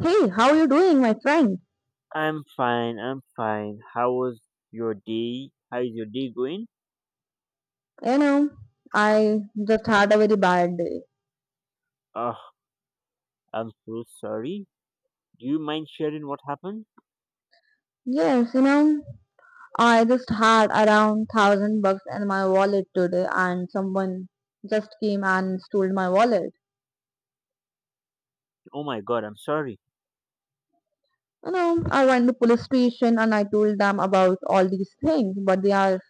Hey, how you doing, my friend? I'm fine. I'm fine. How was your day? How is your day going? You know, I just had a very bad day. Oh, I'm so sorry. Do you mind sharing what happened? Yes, you know, I just had around 1,000 bucks in my wallet today, and someone just came and stole my wallet. Oh my God, I'm sorry. You know, I went to police station and I told them about all these things, but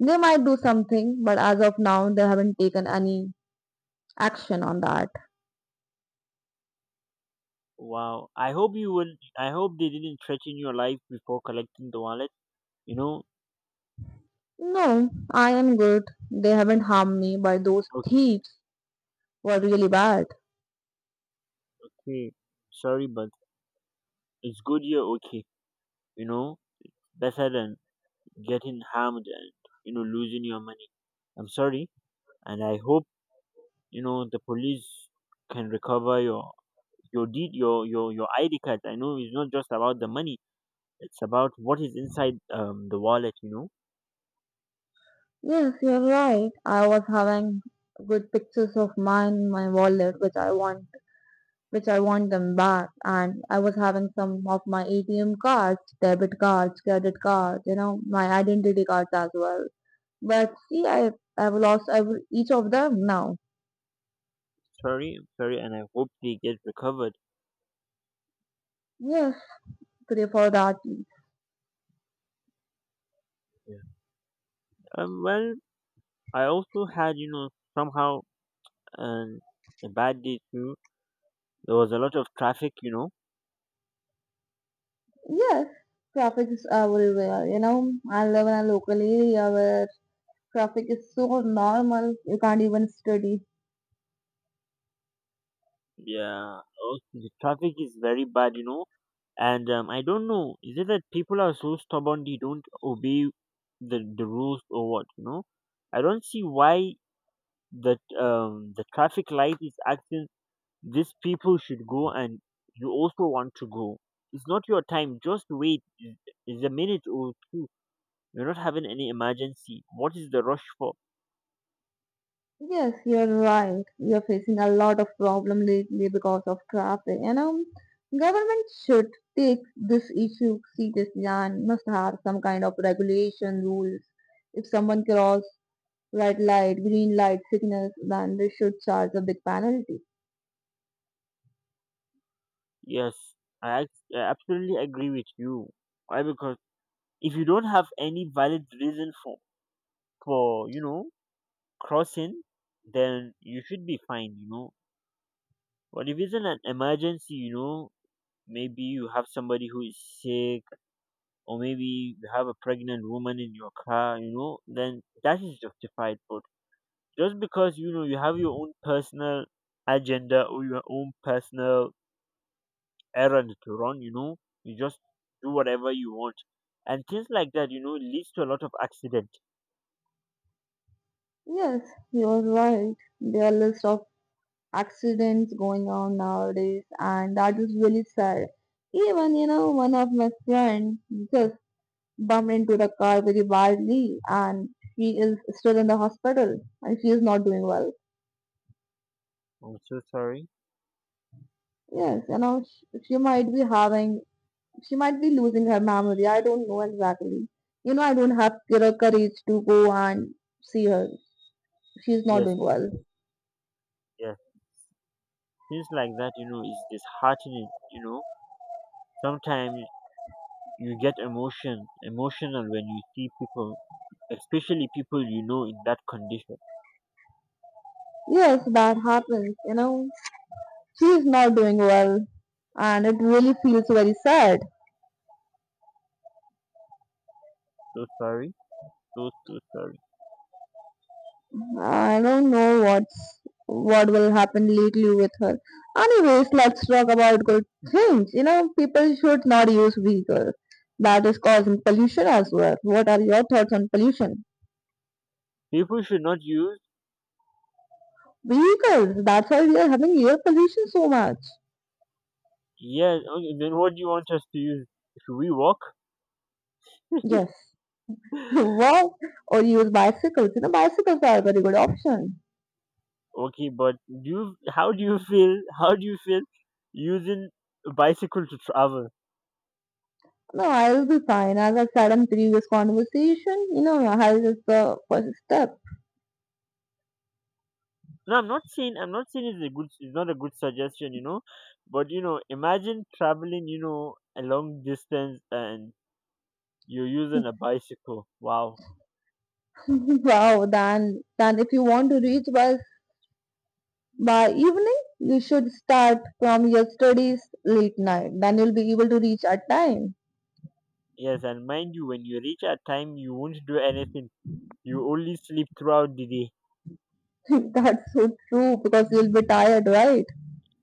they might do something, but as of now, they haven't taken any action on that. Wow. I hope you will. I hope they didn't threaten your life before collecting the wallet. You know. No, I am good. They haven't harmed me, but those thieves were really bad. Okay. Sorry, but it's good you're okay. You know, better than getting harmed and losing your money. I'm sorry, and I hope the police can recover your deed your id card. I know it's not just about the money. It's about what is inside the wallet. Yes, you're right. I was having good pictures of mine in my wallet, which I want them back. And I was having some of my ATM cards, debit cards, credit cards, you know, my identity cards as well. But see, I've lost I've each of them now. Sorry, I'm sorry, and I hope they get recovered. Yes, three or four that. Yeah. Well, I also had somehow, um, a bad day too. There was a lot of traffic. Yes, traffic is everywhere. You know, I live in a local area where traffic is so normal. You can't even study. Yeah, also the traffic is very bad. And I don't know, is it that people are so stubborn they don't obey the rules or what? I don't see why that, the traffic light is acting, these people should go, and you also want to go. It's not your time. Just wait. It's a minute or two. You're not having any emergency. What is the rush for? Yes, you're right. We are facing a lot of problem lately because of traffic, and government should take this issue seriously and must have some kind of regulation rules. If someone cross red light, green light signals, then they should charge a big penalty. Yes, I absolutely agree with you. Why? Because if you don't have any valid reason for for you know crossing, then you should be fine. But if it's an emergency, maybe you have somebody who is sick, or maybe you have a pregnant woman in your car, then that is justified. But just because you have your own personal agenda or your own personal errand to run, you just do whatever you want, and things like that, leads to a lot of accident. Yes, you're right. There are list of accidents going on nowadays, and that is really sad. Even you know, one of my friend just bumped into the car very badly and she is still in the hospital and she is not doing well. I'm so sorry. Yes, you know, she she might be losing her memory. I don't know exactly. You know, I don't have the courage to go and see her. She's not Yes, doing well. yes, things like that, is disheartening. Sometimes you get emotional when you see people, especially people in that condition. Yes, that happens. You know, she is not doing well and it really feels very sad. So sorry, so sorry. I don't know what will happen lately with her. Anyways, let's talk about good things. You know, people should not use vehicles that is causing pollution as well. What are your thoughts on pollution? People should not use. Vehicles. That's why we are having air pollution so much. Yes. Okay, then what do you want us to use? Should we walk? Yes. Walk or use bicycles. You know, bicycles are a very good option. Okay, but do you? How do you feel? How do you feel using a bicycle to travel? No, I'll be fine. As I said in previous conversation, you know, health is the first step. No, I'm not saying. I'm not saying it's a good. It's not a good suggestion. But imagine traveling, a long distance, and you're using a bicycle. Wow. Wow, then if you want to reach by evening, you should start from your studies late night. Then you'll be able to reach at time. Yes, and mind you, when you reach a time, you won't do anything. You only sleep throughout the day. That's so true because you'll be tired, right?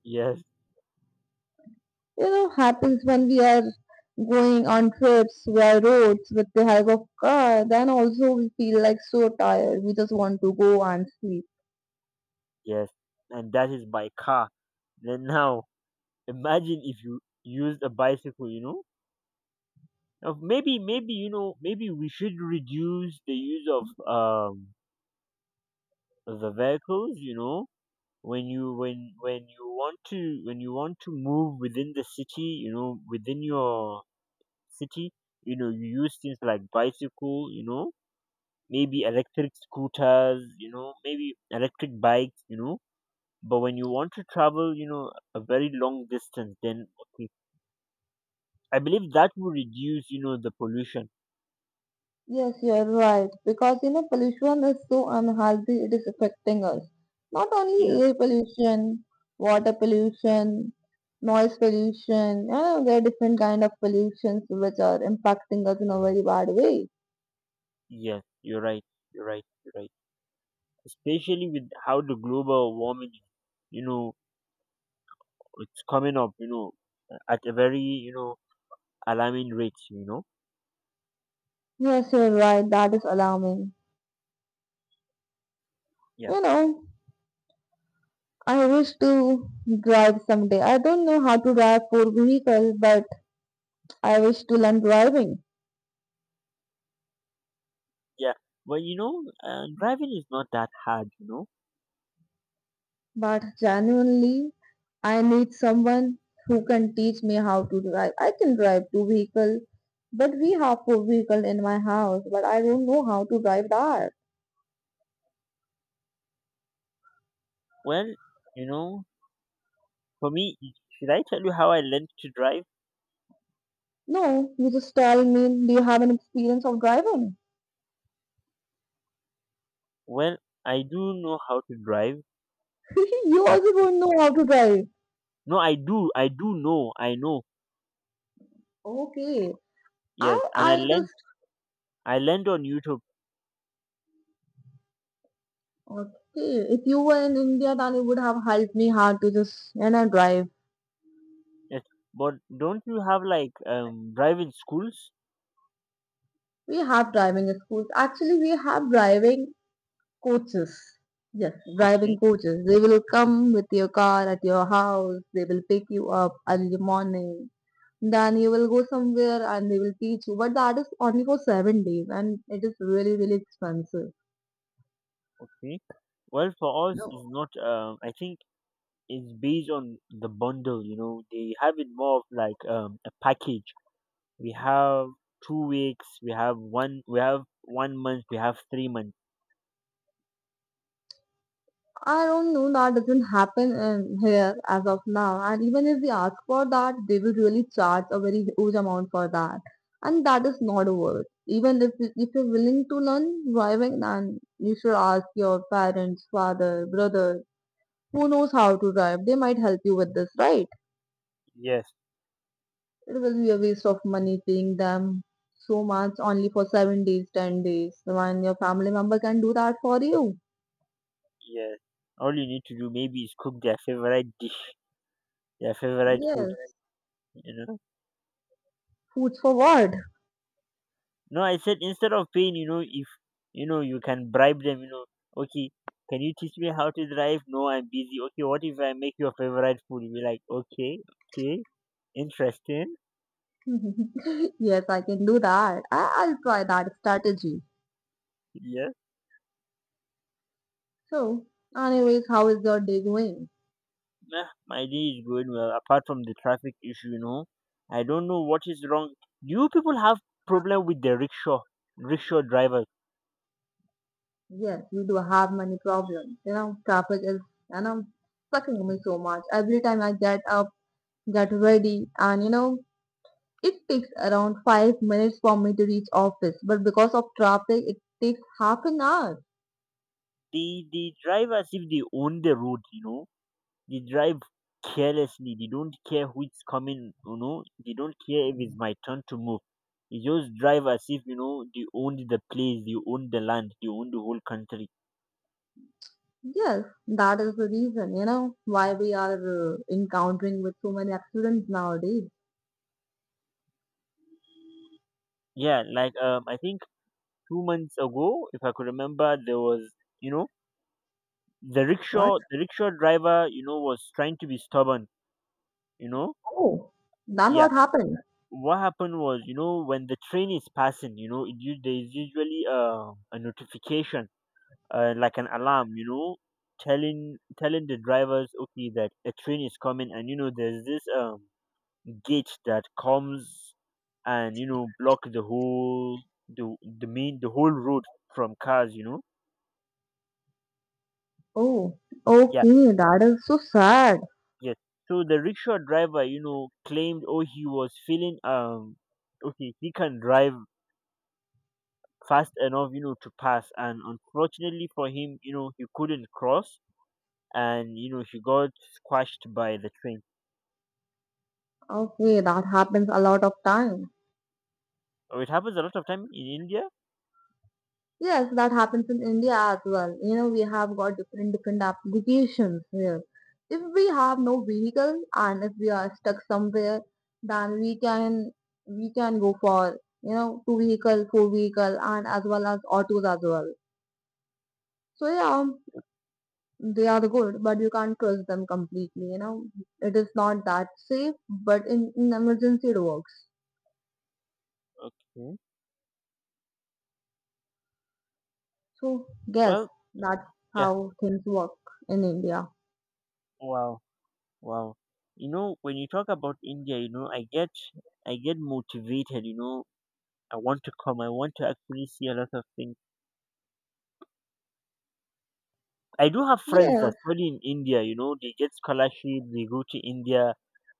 Yes. You know, happens when we are going on trips via roads with the help of car. Then also we feel like so tired. We just want to go and sleep. Yes, and that is by car. Then now, imagine if you used a bicycle. Now, maybe maybe maybe we should reduce the use of the vehicles. When you when you want to when you want to move within the city. Within your city. You use things like bicycle. Maybe electric scooters. Maybe electric bikes. But when you want to travel, a very long distance, then okay. I believe that will reduce, the pollution. Yes, you're right. Because you know, pollution is so unhealthy, it is affecting us. Not only Yeah, air pollution, water pollution, noise pollution, there are different kind of pollutions which are impacting us in a very bad way. yeah, you're right, you're right, you're right. Especially with how the global warming, you know, it's coming up, at a very, alarming rate. Yes, you're right. That is alarming. Yeah, You know, I wish to drive someday. I don't know how to drive four vehicles, but I wish to learn driving. yeah. Well, driving is not that hard. But genuinely, I need someone who can teach me how to drive. I can drive two vehicle, but we have four vehicle in my house, but I don't know how to drive that. Well, you know, for me, should I tell you how I learned to drive? No, you just tell me, do you have an experience of driving? Well, I do know how to drive. You That's also don't know how to drive. No, I do know, I know. Okay. Yes, I and I I learned, just I learned on YouTube. okay. If you were in India then you would have helped me how to just drive. Yes, but don't you have like driving schools? We have driving schools. Actually we have driving coaches. Yes, driving Okay, coaches. They will come with your car at your house. They will pick you up early morning. Then you will go somewhere and they will teach you. But that is only for 7 days and it is really, really expensive. okay. Well, for us, No, it's not. I think it's based on the bundle. They have it more of like a package. We have 2 weeks. We have one. We have one month. We have 3 months. I don't know. That doesn't happen in here as of now. And even if we ask for that, they will really charge a very huge amount for that. And that is not worth. Even if you're willing to learn driving, then you should ask your parents, father, brother, who knows how to drive? They might help you with this, right? Yes, It will be a waste of money paying them so much only for 7 days, 10 days, when your family member can do that for you. yes. All you need to do maybe is cook their favorite dish, their favorite food. Yes, You know. foods for what? No, I said instead of paying, if you know you can bribe them, okay, can you teach me how to drive? No, I'm busy. Okay, what if I make your favorite food? You'll be like, okay, okay, interesting. Yes, I can do that. I'll try that strategy. Yes, So, anyways, how is your day going? nah, my day is going well. Apart from the traffic issue, I don't know what is wrong. Do you people have problem with the rickshaw drivers? Yes, you do have many problems. You know, traffic is, you know, sucking me so much. Every time I get up, get ready, and it takes around 5 minutes for me to reach office, but because of traffic, it takes half an hour. They drive as if they own the road, they drive carelessly. They don't care who is coming. They don't care if it's my turn to move. They just drive as if they owned the place, they own the land, they own the whole country. Yes, that is the reason, you know, why we are encountering with so many accidents nowadays. Yeah, like I think 2 months ago, if I could remember, there was you know the What? rickshaw, the rickshaw driver, was trying to be stubborn. You know, Oh, then yeah. what happened? What happened was, when the train is passing, there is usually a notification, like an alarm, telling the drivers, okay, that a train is coming, and there's this gate that comes and block the whole road from cars. Oh, Yeah, okay, that is so sad. yes. So the rickshaw driver, claimed, oh, he was feeling okay, he can drive fast enough, to pass, and unfortunately for him, he couldn't cross, and he got squashed by the train. Okay, that happens a lot of time. Or it happens a lot of time in India. Yes, that happens in India as well. You know, we have got different different applications here. If we have no vehicle and if we are stuck somewhere, then we can go for you know two vehicle, four vehicle, and as well as autos as well. So yeah, they are good, but you can't trust them completely. You know, it is not that safe, but in emergency it works. Okay. So yes, Well, that's yeah. how things work in India. Wow. Wow. When you talk about India, I get motivated, I want to come. I want to actually see a lot of things. I do have friends Yes. that study in India, they get scholarship, they go to India.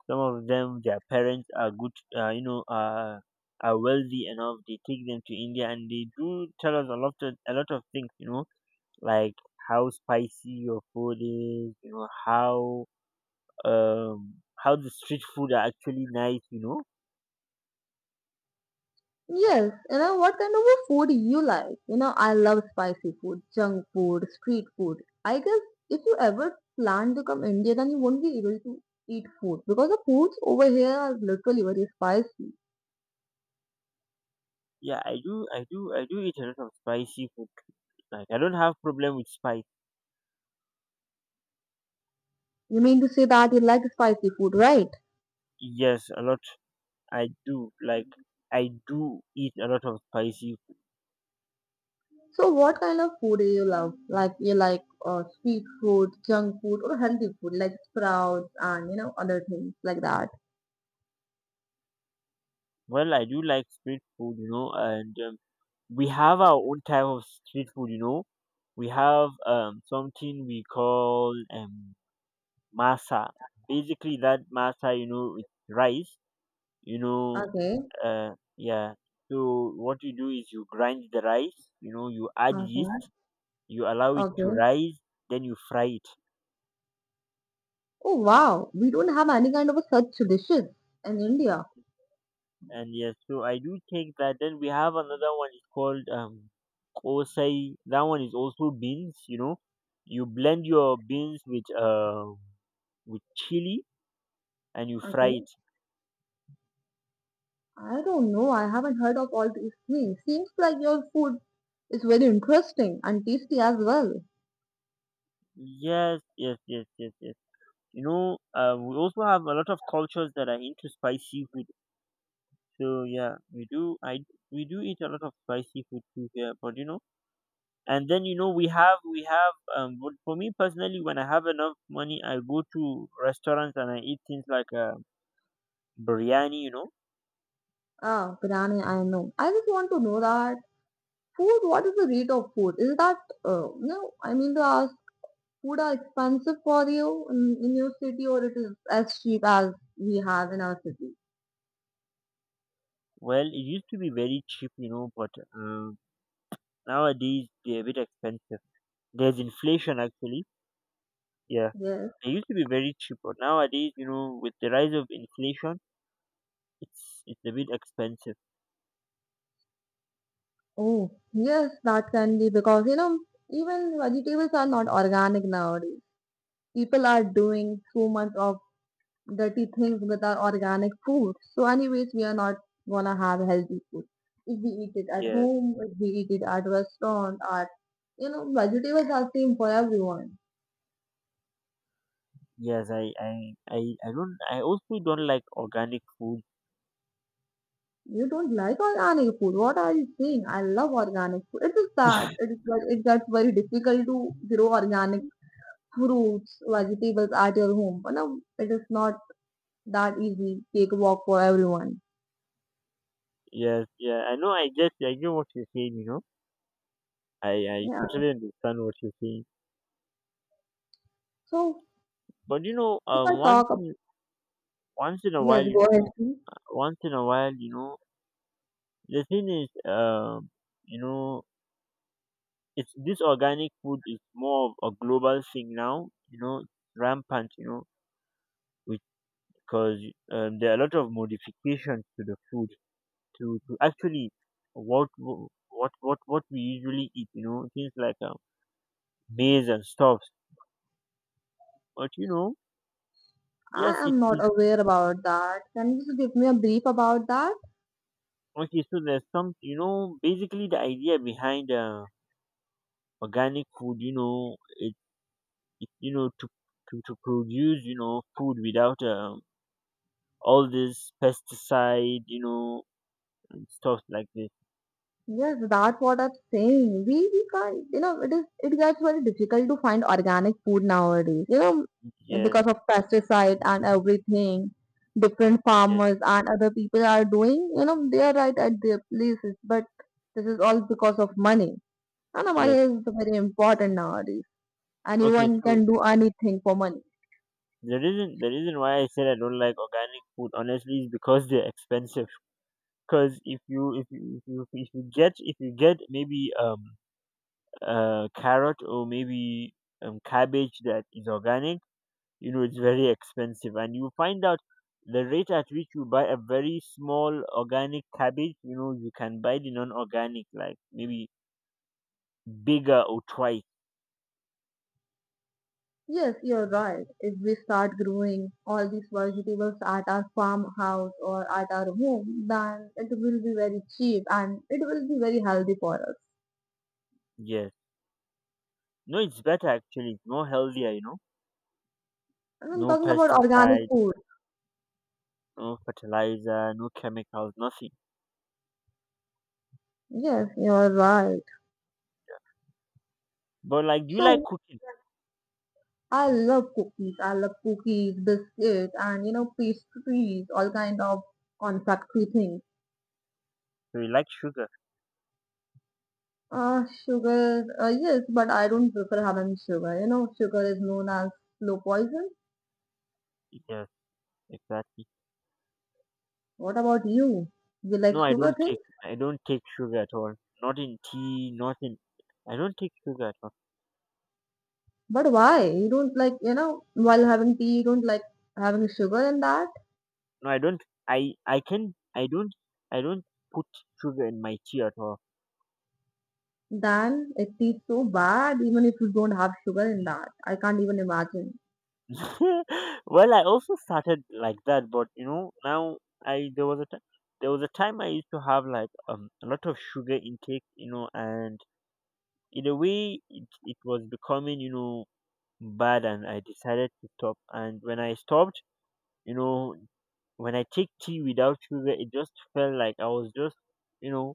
Some of them their parents are uh, you know, uh are wealthy enough, they take them to India, and they do tell us a lot of things, like how spicy your food is, um how the street food are actually nice. Yes, you know, what kind of a food you like? You know, I love spicy food, junk food, street food. I guess if you ever plan to come India, then you won't be able to eat food because the foods over here are literally very spicy. Yeah, I do eat a lot of spicy food, like, I don't have problem with spice. You mean to say that you like spicy food, right? Yes, a lot. i do like I do eat a lot of spicy food. So what kind of food do you love? Like you like street food, junk food, or healthy food like sprouts and you know other things like that. Well, I do like street food and, we have our own type of street food. We have something we call, masa. Basically that masa, it's rice. you know Okay, yeah, so what you do is you grind the rice, you add okay, yeast, you allow it to okay. rise, then you fry it. Oh wow, we don't have any kind of a such dishes in India. And yes, so I do take that. Then we have another one, it's called kosai. That one is also beans, you blend your beans with chili and you fry Okay. it. I don't know. I haven't heard of all these things. Seems like your food is very interesting and tasty as well. Yes, yes, yes, yes, yes. We also have a lot of cultures that are into spicy food. So yeah, we do. I We do eat a lot of spicy food too here, but and then we have But for me personally, when I have enough money, I go to restaurants and I eat things like, biryani. Ah, biryani, I know. I just want to know that food, what is the rate of food? Is that, no, I mean, the food are expensive for you in your city or it is as cheap as we have in our city? Well, it used to be very cheap, but nowadays they're a bit expensive. There's inflation actually. Yeah, Yes. they used to be very cheap, but nowadays with the rise of inflation, it's a bit expensive. Oh, yes, that can be because, you know, even vegetables are not organic nowadays. People are doing so much of dirty things with our organic food. So, anyways, we are not gonna have healthy food. If we eat it at Yeah. home, if we eat it at restaurant, at you know, vegetables are same for everyone. Yes, I don't. I also don't like organic food. You don't like organic food. What are you saying? I love organic food. It is that it is that it gets very difficult to grow organic fruits, vegetables at your home. But no, it is not that easy. Take a walk for everyone. Yes, yeah. I know. I get. I know what you're saying. I Yeah. totally understand what you're saying. So But if I talk, ab- once in a while, yes, go ahead. Once in a while, you know, the thing is, you know, it's this organic food is more of a global thing now. Rampant. Because there are a lot of modifications to the food, to actually what w- what we usually eat. Things like, maize and stuffs. But I yes, it, am not it aware about that. Can you just give me a brief about that? okay. So there's some. Basically the idea behind, organic food. It to produce, food without, all this pesticide. And stuff like this. Yes, that's what I'm saying. We can't you know, it gets very difficult to find organic food nowadays. You know, Yes, because of pesticide and everything, different yes, farmers and other people are doing, you know, they are right at their places, but this is all because of money. And money yes. is very important nowadays. Okay, Anyone so can do anything for money. the reason why I said I don't like organic food honestly is because they're expensive. Because if you if you if you if you get maybe carrot or maybe cabbage that is organic, you know it's very expensive, and you find out the rate at which you buy a very small organic cabbage, you know you can buy the non-organic like maybe bigger or twice. Yes, you're right. If we start growing all these vegetables at our farmhouse or at our home, then it will be very cheap and it will be very healthy for us. Yes, no, it's better actually. It's more healthier, you know. And I'm No talking about organic pesticide, food. no fertilizer, no chemicals, nothing. Yes, you're right. But like, do you like So cooking? I love cookies. I love cookies, biscuits, and you know pastries, all kind of confectionery things. Do you like sugar? Sugar, yes, but I don't prefer having sugar. You know, sugar is known as slow poison. Yes, exactly. What about you? You like No, sugar? I don't take sugar at all. Not in tea, not in I don't take sugar at all. But why? You don't like, you know, while having tea, you don't like having sugar in that? No, I don't I can I don't put sugar in my tea at all. Then it tastes so bad even if you don't have sugar in that. I can't even imagine. Well, I also started like that, but you know, now I there was a time I used to have like a lot of sugar intake, you know, and in a way it was becoming, you know, bad, and I decided to stop, and when I stopped, you know, when I take tea without sugar, it just felt like I was just, you know,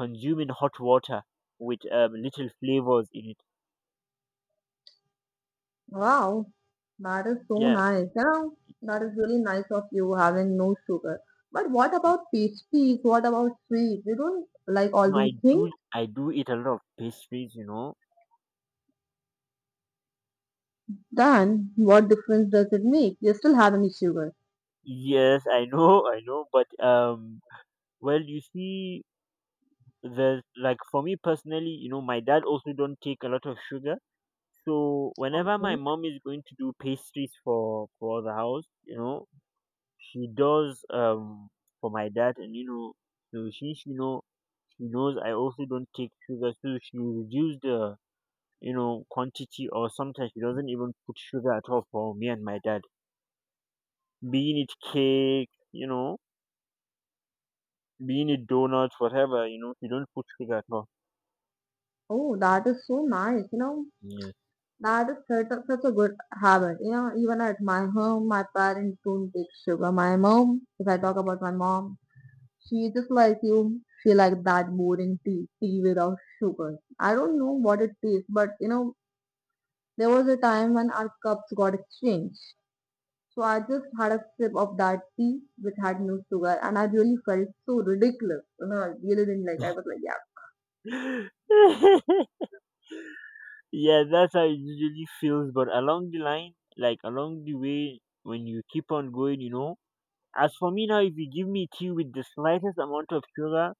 consuming hot water with little flavors in it. Wow, that is so Yeah, nice. You know, that is really nice of you having no sugar. But what about pastries? What about sweets? You don't like all no, these things? I do eat a lot of pastries, you know. Then what difference does it make? You're still having sugar. Yes, I know, I know, but well, you see, there's like for me personally, you know, my dad also don't take a lot of sugar. So whenever Okay. my mom is going to do pastries for the house, you know, she does for my dad, and you know so she she know she knows I also don't take sugar, so she reduced the, you know, quantity, or sometimes she doesn't even put sugar at all for me and my dad. Being it cake, you know, being it donuts, whatever, you know, she don't put sugar at all. Oh, that is so nice. You know, Yeah. that is such a, such a good habit. You know, even at my home, my parents don't take sugar. My mom, if I talk about my mom, she just like you, she like that boring tea, tea without sugar. I don't know what it tastes, but you know, there was a time when our cups got exchanged. So I just had a sip of that tea which had no sugar, and I really felt so ridiculous. You know, I really didn't like. I was like, yeah, Yeah, that's how it usually feels. But along the line, like along the way, when you keep on going, you know, as for me now, if you give me tea with the slightest amount of sugar,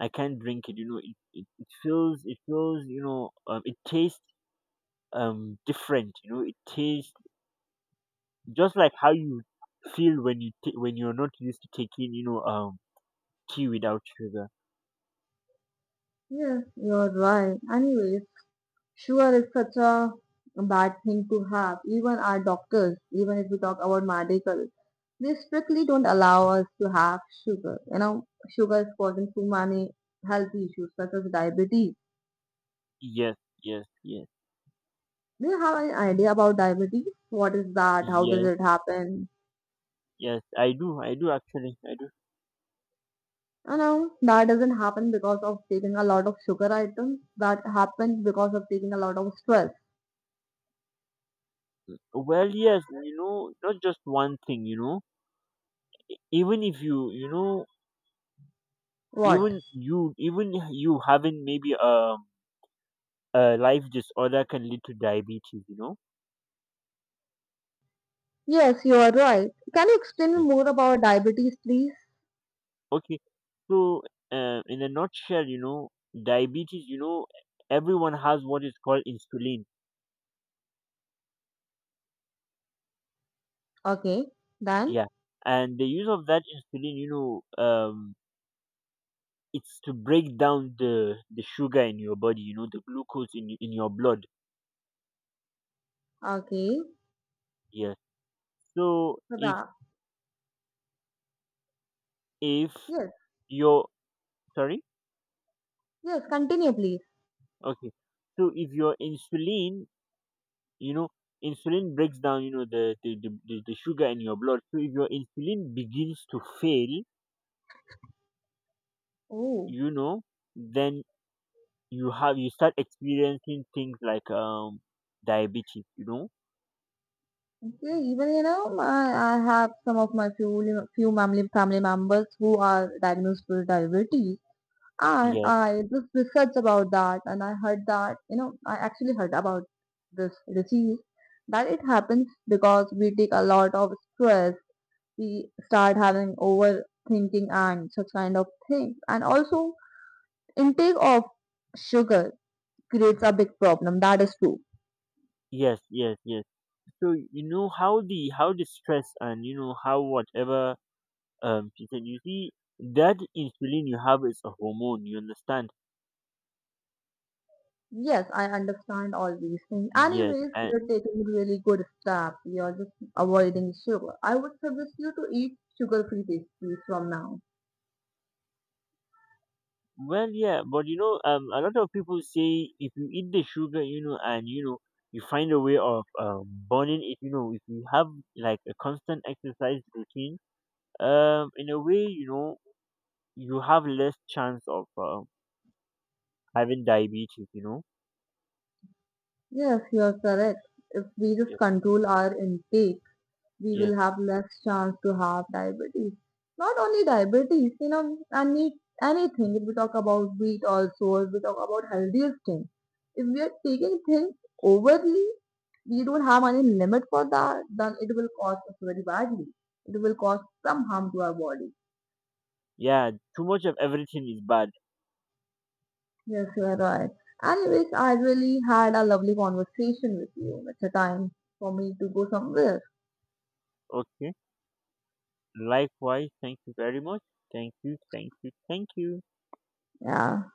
I can't drink it. You know, it feels, you know, it tastes different. You know, it tastes just like how you feel when you ta when you're not used to taking, you know, tea without sugar. yes, you're right. Anyways. Sure, it's such a bad thing to have. Even our doctors, even if we talk about medical, they strictly don't allow us to have sugar. You know, sugar is causing so many health issues such as diabetes. Yes, yes, yes, Do you have any idea about diabetes? What is that? How does yes, it happen? yes. I do actually, I do. You know, that doesn't happen because of taking a lot of sugar items. That happens because of taking a lot of stress. Well, yes, you know, not just one thing. You know, even if you you know What? Even you having maybe a life disorder can lead to diabetes, you know. Yes, you are right. Can you explain me more about diabetes, please? Okay. So, in a nutshell, you know, diabetes, you know, everyone has what is called insulin. Okay, then. Yeah. And the use of that insulin, you know, it's to break down the sugar in your body, you know, the glucose in, in your blood. Okay. Yeah. So Prada. if Yes, your, sorry? yes, continue, please. Okay. So if your insulin, you know, insulin breaks down, you know, the sugar in your blood. So if your insulin begins to fail, Oh, you know, then you start experiencing things like diabetes, you know. okay. Even you know, I have some of my few family members who are diagnosed with diabetes, and yes I just researched about that, and I heard that you know, I actually heard about this disease that it happens because we take a lot of stress, we start having overthinking and such kind of things, and also intake of sugar creates a big problem. That is true. Yes. So you know how the, stress and you know how, whatever she said, you see that insulin you have is a hormone, you understand? Yes, I understand all these things. Yes, Anyways, and you're taking really good steps. You're just avoiding sugar. I would suggest you to eat sugar-free pastries from now. well, yeah, but you know, a lot of people say if you eat the sugar, you know, and you know, you find a way of burning it, you know, if you have like a constant exercise routine, in a way, you know, you have less chance of having diabetes, you know? Yes, you're correct. If we just Yes. control our intake, we Yes. will have less chance to have diabetes. Not only diabetes, you know, anything. If we talk about wheat also, if we talk about healthier things, if we are taking things overly, we don't have any limit for that, then it will cost us very badly. It will cause some harm to our body. Yeah, too much of everything is bad. Yes, you are right. Anyways, I really had a lovely conversation with you. It's a time for me to go somewhere. Okay. Likewise, thank you very much. Thank you, thank you, thank you. Yeah.